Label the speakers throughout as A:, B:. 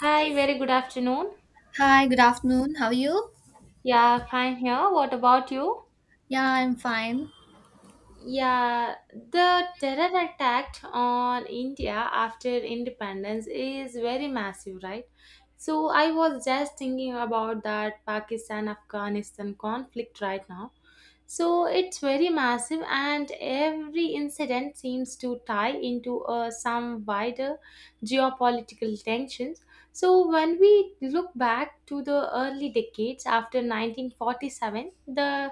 A: Hi, very good afternoon.
B: Hi, good afternoon. How are you?
A: Yeah, fine here. What about you?
B: Yeah, I'm fine.
A: Yeah, the terror attack on India after independence is very massive, right? So I was just thinking about that Pakistan Afghanistan conflict right now. So it's very massive, and every incident seems to tie into some wider geopolitical tensions. So when we look back to the early decades after 1947, the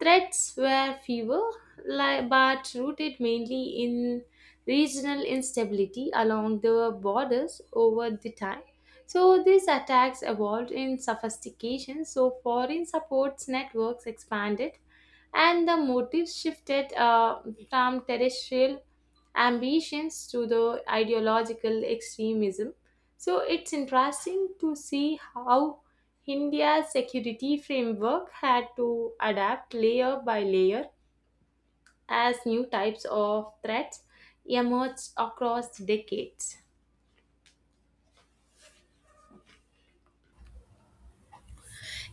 A: threats were fewer, but rooted mainly in regional instability along the borders over the time. So these attacks evolved in sophistication, so foreign supports networks expanded and the motives shifted from terrestrial ambitions to the ideological extremism, so it's interesting to see how India's security framework had to adapt layer by layer as new types of threats emerged across decades.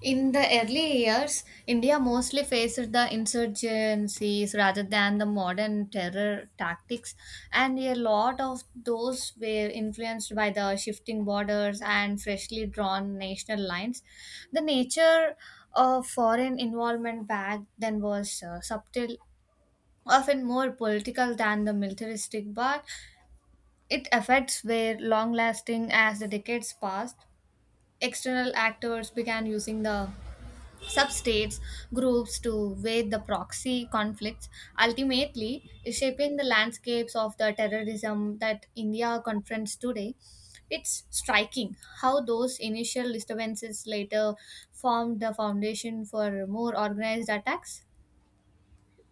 B: In the early years, India mostly faced the insurgencies rather than the modern terror tactics, and a lot of those were influenced by the shifting borders and freshly drawn national lines. The nature of foreign involvement back then was subtle, often more political than the militaristic, but it affects were long lasting as the decades passed. External actors began using the substates groups to wage the proxy conflicts, ultimately shaping the landscapes of the terrorism that India confronts today. It's striking how those initial disturbances later formed the foundation for more organized attacks.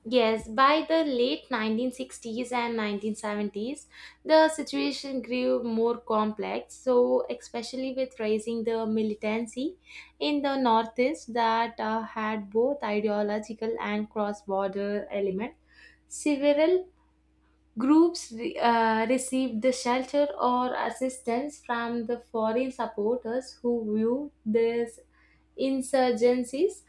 A: Yes, by the late 1960s and 1970s, the situation grew more complex. So, especially with rising the militancy in the Northeast that had both ideological and cross border elements, several groups received the shelter or assistance from the foreign supporters who viewed these insurgencies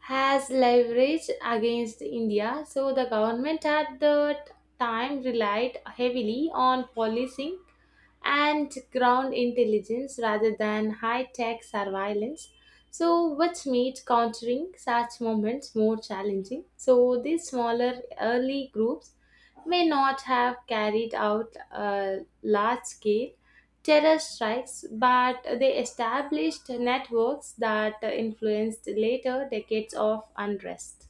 A: has leverage against India. So the government at the time relied heavily on policing and ground intelligence rather than high tech surveillance. So, which made countering such movements more challenging. So, these smaller early groups may not have carried out a large scale terror strikes, but they established networks that influenced later decades of unrest.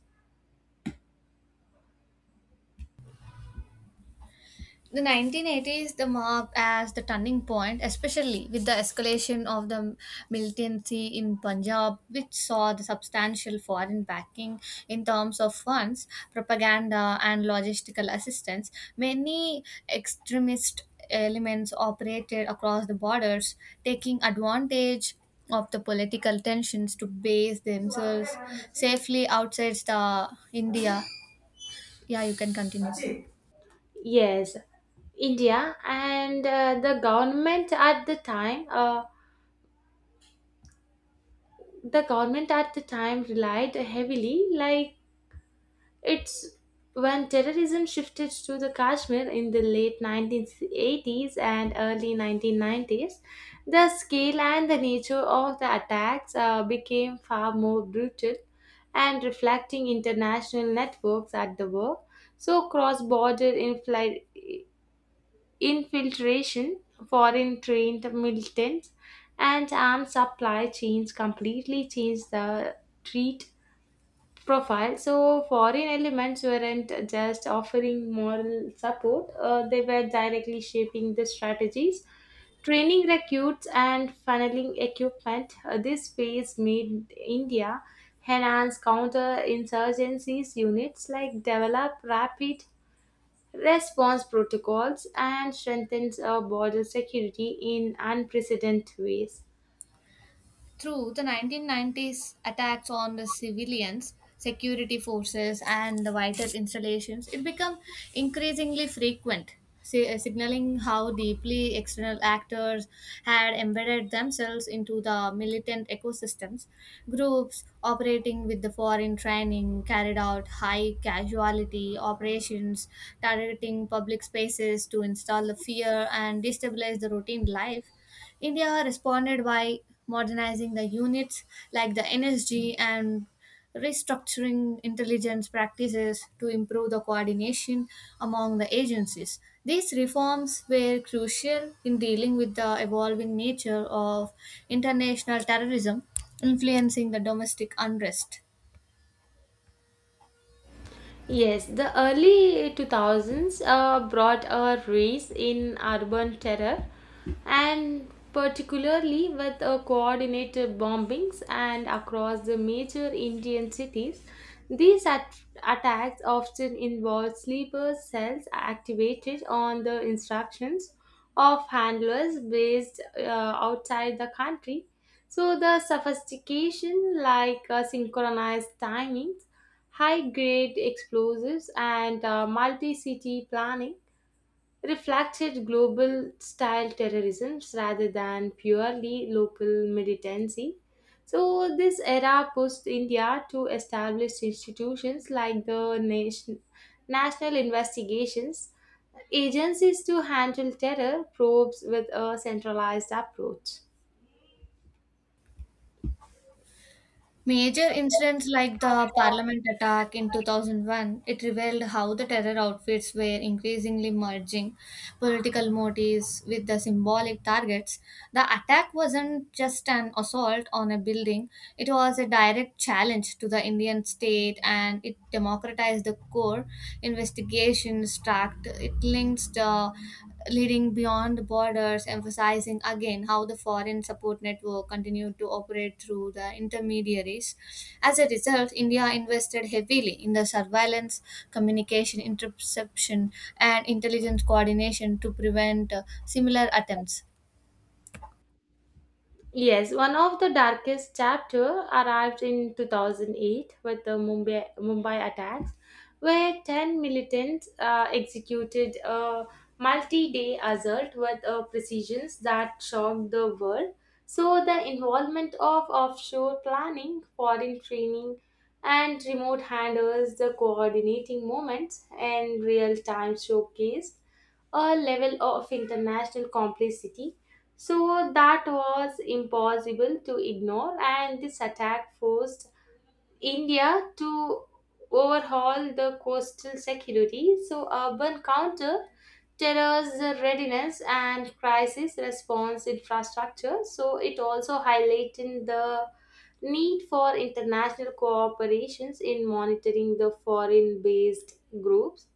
B: The 1980s the marked as the turning point, especially with the escalation of the militancy in Punjab, which saw the substantial foreign backing in terms of funds, propaganda, and logistical assistance. Many extremist elements operated across the borders, taking advantage of the political tensions to base themselves safely outside the India. Yeah, you can continue.
A: Yes, India and the government at the time relied heavily, like it's when terrorism shifted to the Kashmir in the late 1980s and early 1990s, the scale and the nature of the attacks became far more brutal and reflecting international networks at the work. So, cross border infiltration, foreign trained militants, and armed supply chains completely changed the treat profile. So, foreign elements weren't just offering moral support, they were directly shaping the strategies, training recruits, and funneling equipment. This phase made India enhance counter insurgencies units like develop rapid response protocols and strengthens border security in unprecedented ways.
B: Through the 1990s attacks on the civilians, security forces, and the vital installations, it became increasingly frequent, signaling how deeply external actors had embedded themselves into the militant ecosystems. Groups operating with the foreign training carried out high casualty operations, targeting public spaces to install the fear and destabilize the routine life. India responded by modernizing the units like the NSG and restructuring intelligence practices to improve the coordination among the agencies. These reforms were crucial in dealing with the evolving nature of international terrorism influencing the domestic unrest.
A: Yes, the early 2000s brought a rise in urban terror and particularly with coordinated bombings and across the major Indian cities. These attacks often involved sleeper cells activated on the instructions of handlers based outside the country. So the sophistication like synchronized timings high grade explosives, and multi city planning reflected global style terrorisms rather than purely local militancy. So, this era pushed India to establish institutions like the National Investigations Agencies to handle terror probes with a centralized approach.
B: Major incidents like the Parliament attack in 2001, it revealed how the terror outfits were increasingly merging political motives with the symbolic targets. The attack wasn't just an assault on a building, it was a direct challenge to the Indian state and it democratized the core investigations tract. It links the leading beyond borders, emphasizing again how the foreign support network continued to operate through the intermediaries. As a result, India invested heavily in the surveillance, communication, interception, and intelligence coordination to prevent similar attempts.
A: Yes, one of the darkest chapter arrived in 2008 with the Mumbai attacks, where 10 militants executed a multi-day assault with a precision that shocked the world. So the involvement of offshore planning, foreign training, and remote handlers, the coordinating moments and real-time showcased a level of international complexity so that was impossible to ignore, and this attack forced India to overhaul the coastal security. So, urban counter terrorist readiness and crisis response infrastructure. So, it also highlighted the need for international cooperations in monitoring the foreign based groups.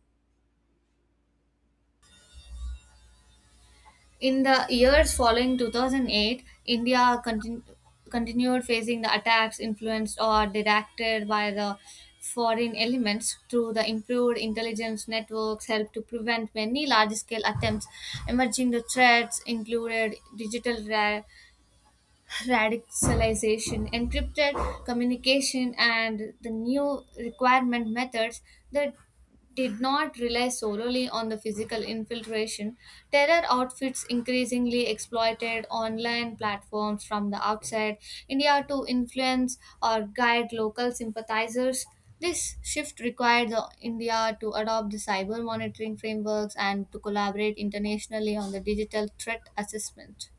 B: In the years following 2008, India continued facing the attacks influenced or directed by the foreign elements through the improved intelligence networks helped to prevent many large-scale attempts. Emerging the threats included digital radicalization, encrypted communication, and the new requirement methods that did not rely solely on the physical infiltration. Terror outfits increasingly exploited online platforms from the outside India to influence or guide local sympathizers. This shift required the India to adopt the cyber monitoring frameworks and to collaborate internationally on the digital threat assessment.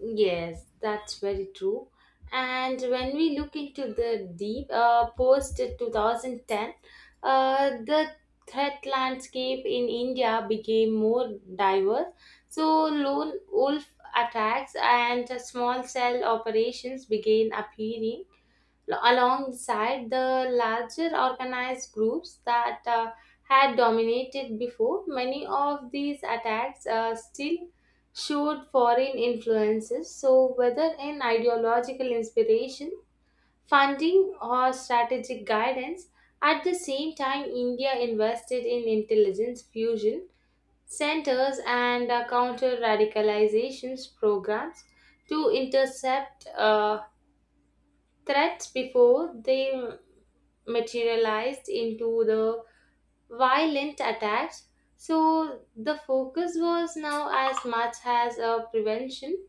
A: Yes, that's very true. And when we look into the deep post 2010, the threat landscape in India became more diverse. So, lone wolf attacks and small cell operations began appearing, alongside the larger organized groups that had dominated before. Many of these attacks still showed foreign influences, so, whether in ideological inspiration, funding, or strategic guidance, at the same time, India invested in intelligence fusion centers and counter radicalizations programs to intercept threats before they materialized into the violent attacks. So the focus was now as much as a prevention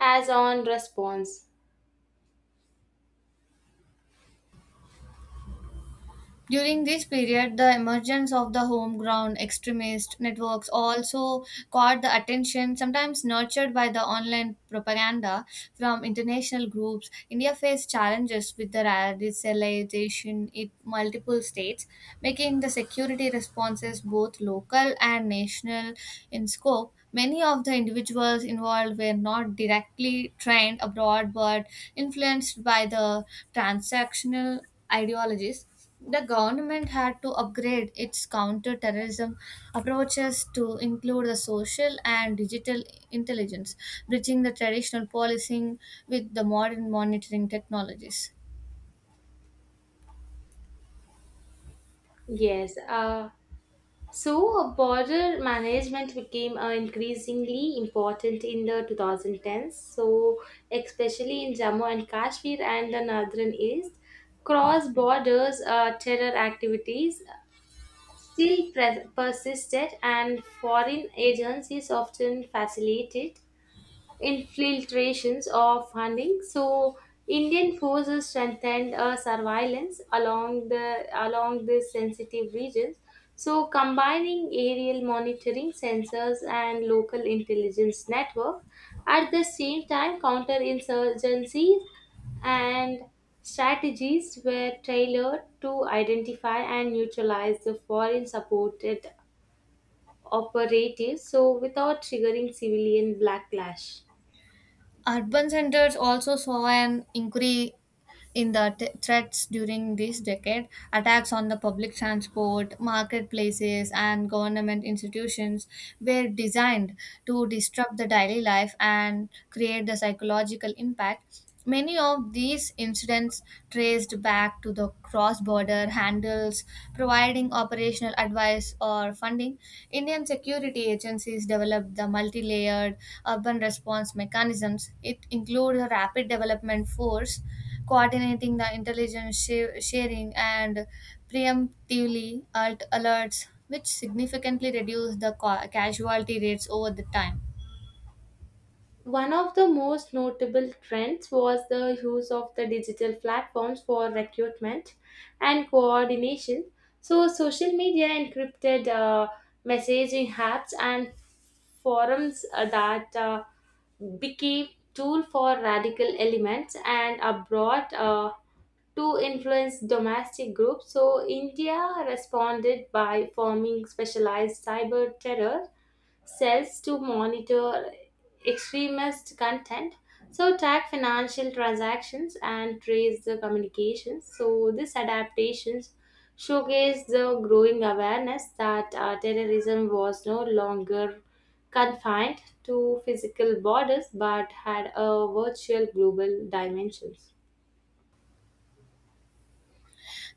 A: as on response.
B: During this period, the emergence of the homegrown extremist networks also caught the attention, sometimes nurtured by the online propaganda from international groups. India faced challenges with the radicalization in multiple states, making the security responses both local and national in scope. Many of the individuals involved were not directly trained abroad but influenced by the transactional ideologies. The government had to upgrade its counter-terrorism approaches to include the social and digital intelligence, bridging the traditional policing with the modern monitoring technologies.
A: Yes. So border management became increasingly important in the 2010s. So especially in Jammu and Kashmir and the northern east, cross borders terror activities still pres persisted, and foreign agencies often facilitated infiltrations of funding. So Indian forces strengthened surveillance along the along these sensitive regions. So combining aerial monitoring sensors and local intelligence network at the same time counterinsurgencies and strategies were tailored to identify and neutralize the foreign supported operatives so without triggering civilian backlash.
B: Urban centers also saw an increase in the threats during this decade. Attacks on the public transport, marketplaces, and government institutions were designed to disrupt the daily life and create the psychological impact. Many of these incidents traced back to the cross border handles, providing operational advice or funding. Indian security agencies developed the multi layered urban response mechanisms. It includes a rapid development force coordinating the intelligence sharing and preemptively alt alerts, which significantly reduce the casualty rates over the time.
A: One of the most notable trends was the use of the digital platforms for recruitment and coordination. So, social media, encrypted messaging apps, and forums that became tool for radical elements and abroad to influence domestic groups. So India responded by forming specialized cyber terror cells to monitor extremist content so track financial transactions and trace the communications so these adaptations showcase the growing awareness that terrorism was no longer confined to physical borders but had a virtual global dimensions.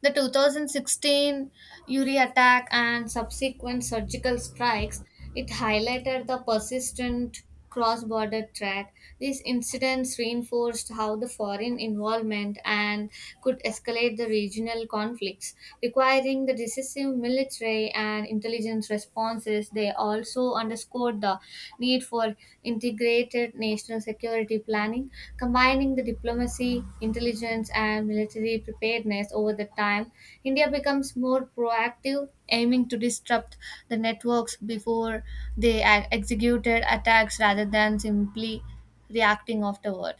B: The 2016 Uri attack and subsequent surgical strikes, it highlighted the persistent cross-border threat. These incidents reinforced how the foreign involvement and could escalate the regional conflicts, requiring the decisive military and intelligence responses. They all also underscored the need for integrated national security planning, combining the diplomacy, intelligence, and military preparedness over the time. India becomes more proactive, aiming to disrupt the networks before they executed attacks rather than simply reacting afterward.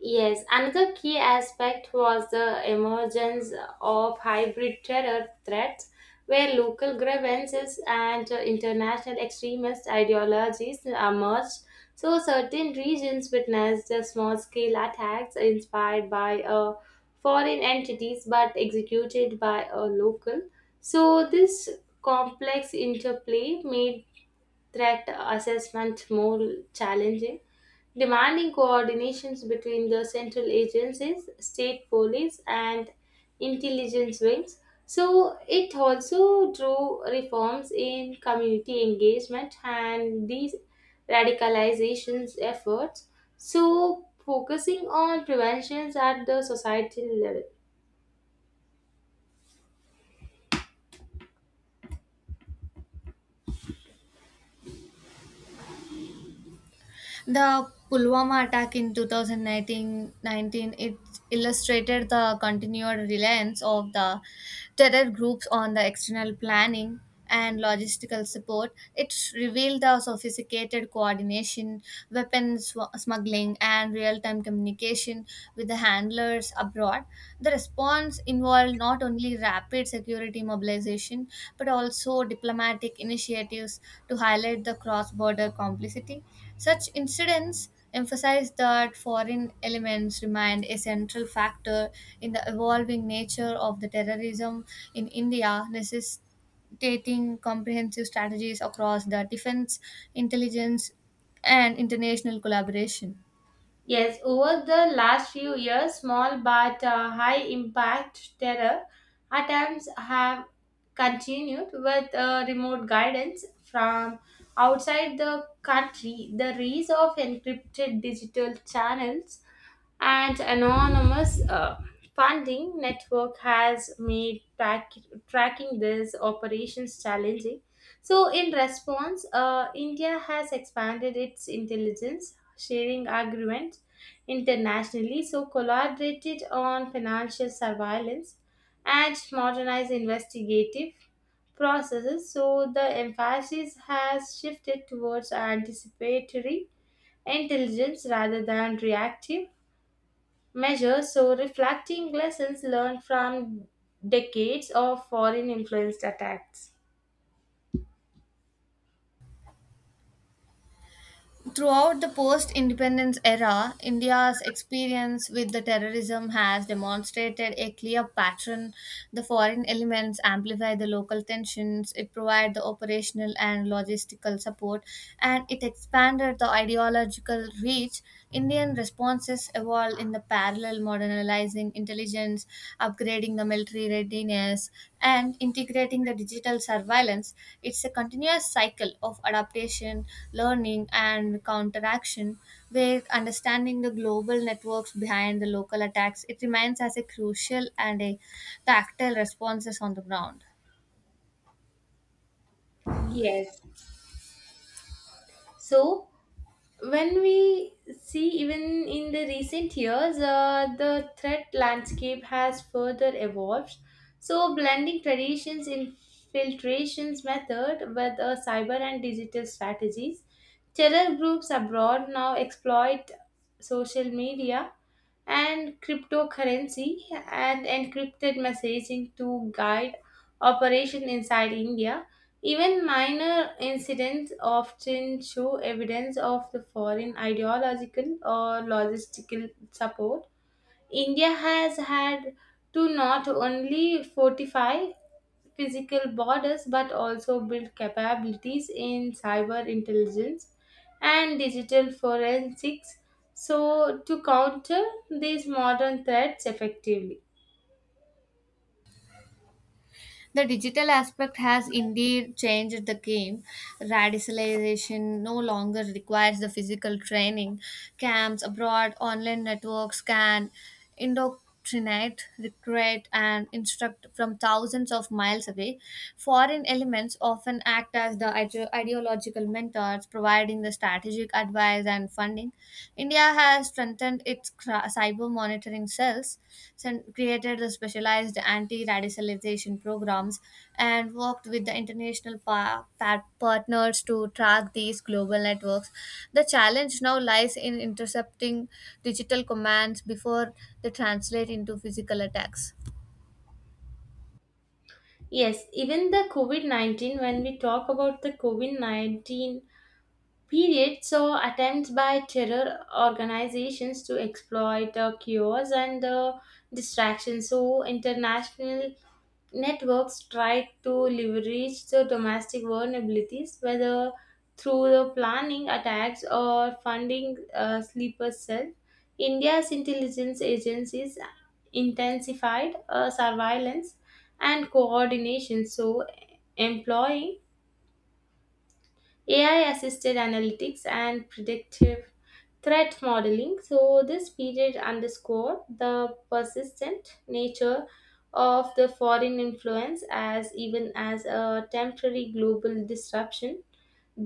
A: Yes, another key aspect was the emergence of hybrid terror threats, where local grievances and international extremist ideologies emerged. So, certain regions witnessed small scale attacks inspired by foreign entities but executed by a local. So, this complex interplay made threat assessment more challenging, demanding coordinations between the central agencies, state police, and intelligence wings. So it also drew reforms in community engagement and these radicalizations efforts. So focusing on preventions at the societal level.
B: The Pulwama attack in two thousand nineteen it illustrated the continued reliance of the terror groups on the external planning and logistical support. It revealed the sophisticated coordination, weapons smuggling, and real time communication with the handlers abroad. The response involved not only rapid security mobilization, but also diplomatic initiatives to highlight the cross border complicity. Such incidents emphasize that foreign elements remain a central factor in the evolving nature of the terrorism in India, necessitating comprehensive strategies across the defense, intelligence, and international collaboration.
A: Yes, over the last few years, small but high impact terror attempts have continued with remote guidance from outside the country. The rise of encrypted digital channels and anonymous funding network has made tracking these operations challenging. So, in response, India has expanded its intelligence sharing agreements internationally, so collaborated on financial surveillance and modernized investigative processes. So, the emphasis has shifted towards anticipatory intelligence rather than reactive measure, so reflecting lessons learned from decades of foreign influenced attacks.
B: Throughout the post independence era, India's experience with the terrorism has demonstrated a clear pattern. The foreign elements amplify the local tensions, it provided the operational and logistical support, and it expanded the ideological reach. Indian responses evolved in the parallel modernizing intelligence, upgrading the military readiness, and integrating the digital surveillance. It's a continuous cycle of adaptation, learning, and counteraction, where understanding the global networks behind the local attacks, it remains as a crucial and a tactile responses on the ground.
A: Yes. So when we see even in the recent years, the threat landscape has further evolved. So blending traditions infiltrations method with cyber and digital strategies. Terror groups abroad now exploit social media and cryptocurrency and encrypted messaging to guide operation inside India. Even minor incidents often show evidence of the foreign ideological or logistical support. India has had to not only fortify physical borders but also build capabilities in cyber intelligence and digital forensics so to counter these modern threats effectively.
B: The digital aspect has indeed changed the game. Radicalization no longer requires the physical training. Camps abroad, online networks can indoctrinate, recruit, and instruct from thousands of miles away. Foreign elements often act as the ideological mentors, providing the strategic advice and funding. India has strengthened its cyber monitoring cells, created the specialized anti radicalization programs, and worked with the international partners to track these global networks. The challenge now lies in intercepting digital commands before they translate into physical attacks.
A: Yes, even the covid-19, when we talk about the covid-19 period saw attempts by terror organizations to exploit the cures and the distractions, so international networks try to leverage the domestic vulnerabilities, whether through the planning attacks or funding sleeper cells. India's intelligence agencies intensified surveillance and coordination, so employing AI assisted analytics and predictive threat modeling. So, this period underscored the persistent nature of the foreign influence as even as a temporary global disruption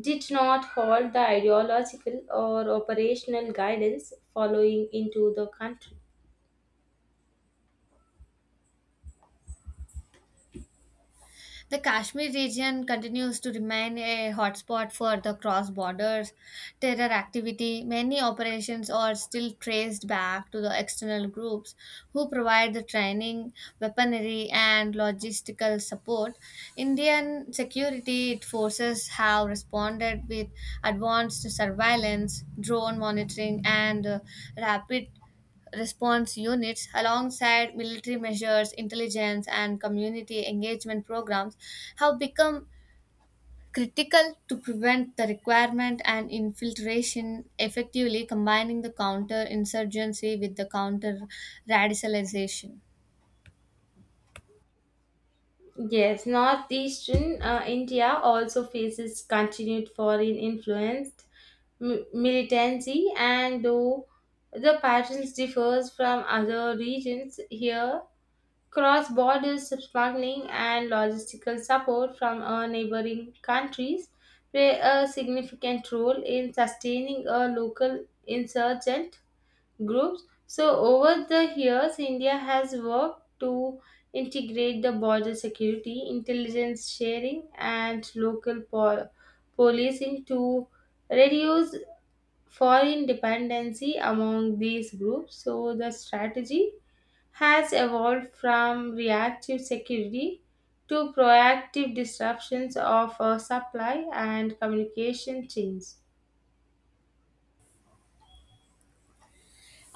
A: did not halt the ideological or operational guidance following into the country.
B: The Kashmir region continues to remain a hotspot for the cross border terror activity. Many operations are still traced back to the external groups who provide the training, weaponry, and logistical support. Indian security forces have responded with advanced surveillance, drone monitoring, and rapid response units alongside military measures, intelligence, and community engagement programs have become critical to prevent the requirement and infiltration, effectively combining the counter insurgency with the counter radicalization.
A: Yes, northeastern India also faces continued foreign influenced militancy, and though the patterns differs from other regions here, cross-border smuggling and logistical support from neighboring countries play a significant role in sustaining a local insurgent groups. So, over the years, India has worked to integrate the border security, intelligence sharing, and local policing to reduce foreign dependency among these groups. So, the strategy has evolved from reactive security to proactive disruptions of supply and communication chains.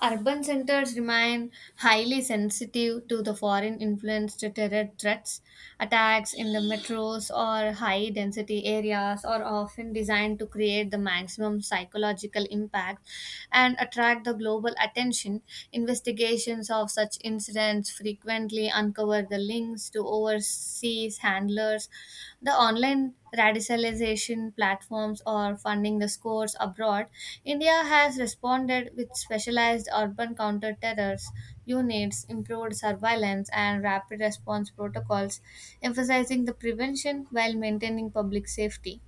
B: Urban centers remain highly sensitive to the foreign influenced terror threats. Attacks in the metros or high density areas are often designed to create the maximum psychological impact and attract the global attention. Investigations of such incidents frequently uncover the links to overseas handlers. The online radicalization platforms or funding the scores abroad, India has responded with specialized urban counter-terrors units, improved surveillance, and rapid response protocols, emphasizing the prevention while maintaining public safety.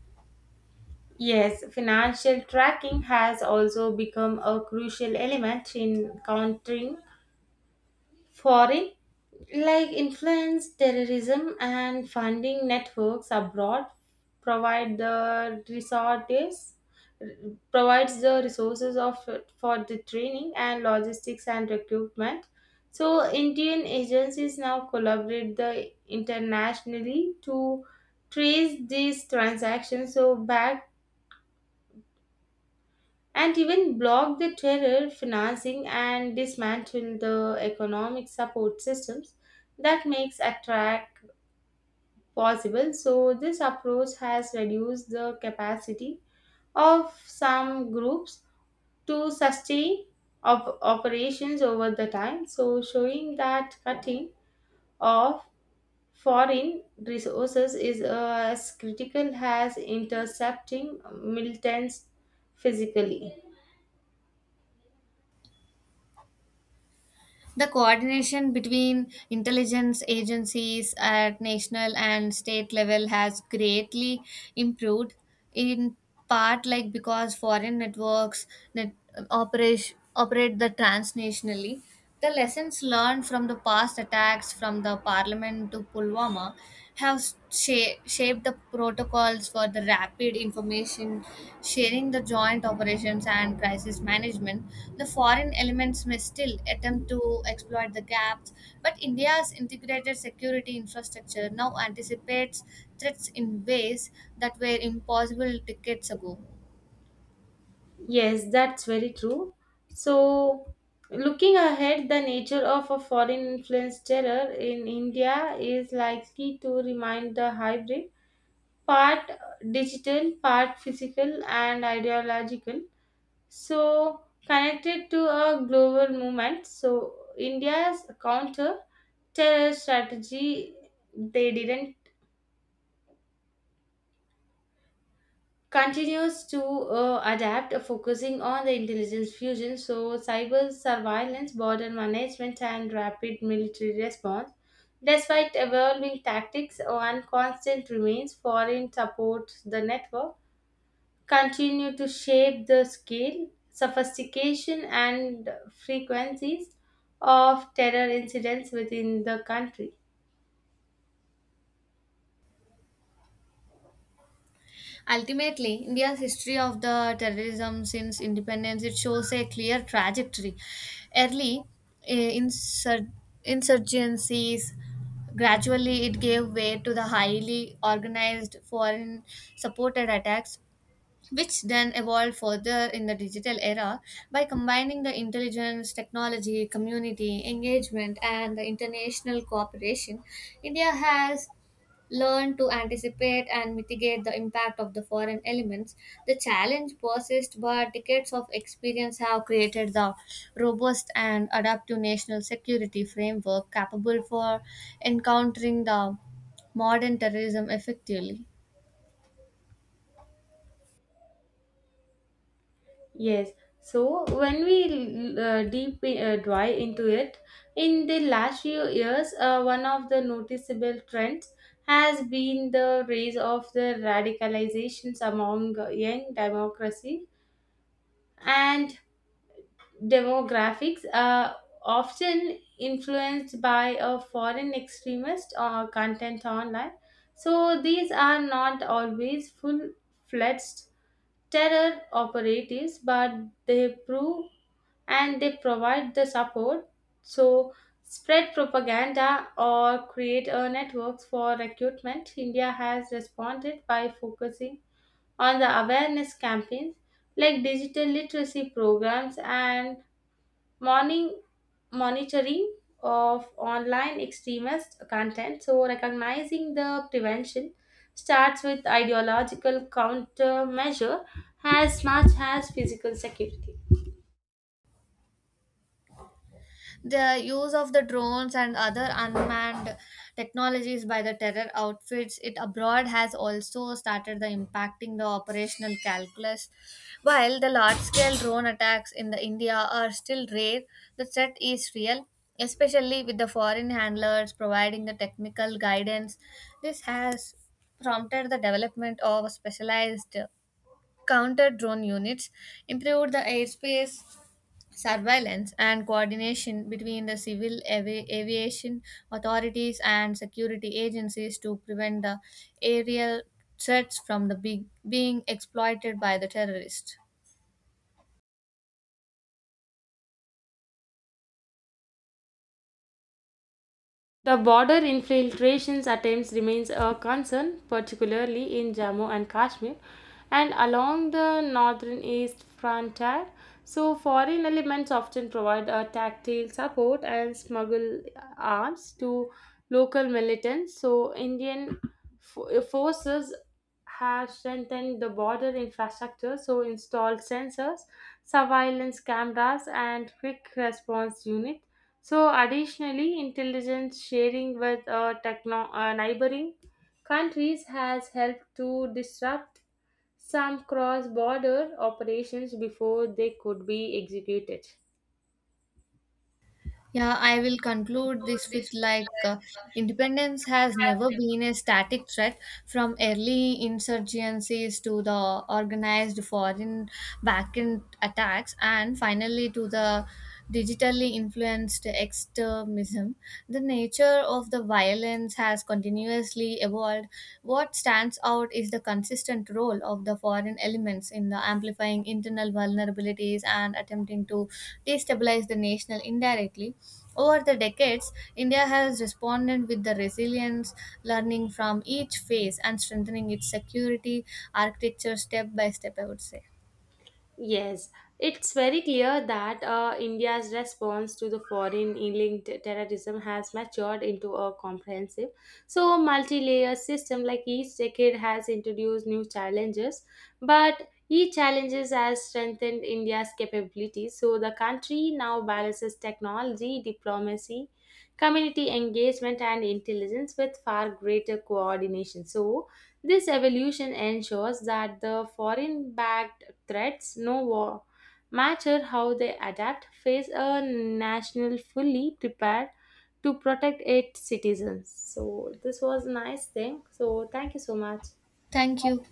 A: Yes, financial tracking has also become a crucial element in countering foreign like influence terrorism and funding networks abroad provide the resources provides the resources of for the training and logistics and recruitment so indian agencies now collaborate the internationally to trace these transactions so back and even block the terror financing and dismantle the economic support systems that makes attack possible so this approach has reduced the capacity of some groups to sustain operations over the time so showing that cutting of foreign resources is as critical as intercepting militants physically.
B: The coordination between intelligence agencies at national and state level has greatly improved, in part like because foreign networks net operate the transnationally. The lessons learned from the past attacks from the parliament to Pulwama have shaped the protocols for the rapid information sharing, the joint operations, and crisis management. The foreign elements may still attempt to exploit the gaps, but India's integrated security infrastructure now anticipates threats in ways that were impossible decades ago.
A: Yes, that's very true. So, looking ahead, the nature of a foreign influenced terror in India is likely to remain the hybrid part digital, part physical, and ideological. So, connected to a global movement. So, India's counter terror strategy, they didn't continues to adapt, focusing on the intelligence fusion, so cyber surveillance, border management, and rapid military response. Despite evolving tactics, one constant remains foreign supports the network, continue to shape the scale, sophistication, and frequencies of terror incidents within the country.
B: Ultimately, India's history of the terrorism since independence it shows a clear trajectory. Early eh, insur- insurgencies gradually it gave way to the highly organized foreign supported attacks which then evolved further in the digital era by combining the intelligence technology community engagement and the international cooperation india has learn to anticipate and mitigate the impact of the foreign elements. The challenge persists, but decades of experience have created the robust and adaptive national security framework capable for encountering the modern terrorism effectively.
A: Yes. So when we deep dive into it, in the last few years, one of the noticeable trends has been the rise of the radicalizations among young democracy and demographics are often influenced by a foreign extremist or content online. So these are not always full-fledged terror operatives, but they prove and they provide the support so spread propaganda or create a networks for recruitment india has responded by focusing on the awareness campaigns like digital literacy programs and morning monitoring of online extremist content so recognizing the prevention starts with ideological countermeasure as much as physical security.
B: The use of the drones and other unmanned technologies by the terror outfits it abroad has also started the impacting the operational calculus. While the large-scale drone attacks in the India are still rare, the threat is real, especially with the foreign handlers providing the technical guidance. This has prompted the development of specialized counter drone units, improved the airspace surveillance and coordination between the civil aviation authorities and security agencies to prevent the aerial threats from the big, being exploited by the terrorists.
A: The border infiltrations attempts remains a concern, particularly in Jammu and Kashmir and along the northern east frontier. So foreign elements often provide a tactile support and smuggle arms to local militants. So Indian forces have strengthened the border infrastructure, so installed sensors, surveillance cameras, and quick response units so, additionally, intelligence sharing with neighboring countries has helped to disrupt some cross border operations before they could be executed.
B: Yeah, I will conclude this with like independence has never been a static threat from early insurgencies to the organized foreign backend attacks and finally to the digitally influenced extremism. The nature of the violence has continuously evolved, what stands out is the consistent role of the foreign elements in the amplifying internal vulnerabilities and attempting to destabilize the national indirectly. Over the decades, India has responded with the resilience, learning from each phase and strengthening its security architecture step by step, I would say.
A: Yes, it's very clear that India's response to the foreign linked terrorism has matured into a comprehensive, so multi layer system. Like each decade has introduced new challenges, but each challenges has strengthened India's capabilities. So the country now balances technology, diplomacy, community engagement, and intelligence with far greater coordination. So this evolution ensures that the foreign backed threats, no war. Matter how they adapt, face a national fully prepared to protect its citizens. So this was a nice thing. So thank you so much.
B: Thank you.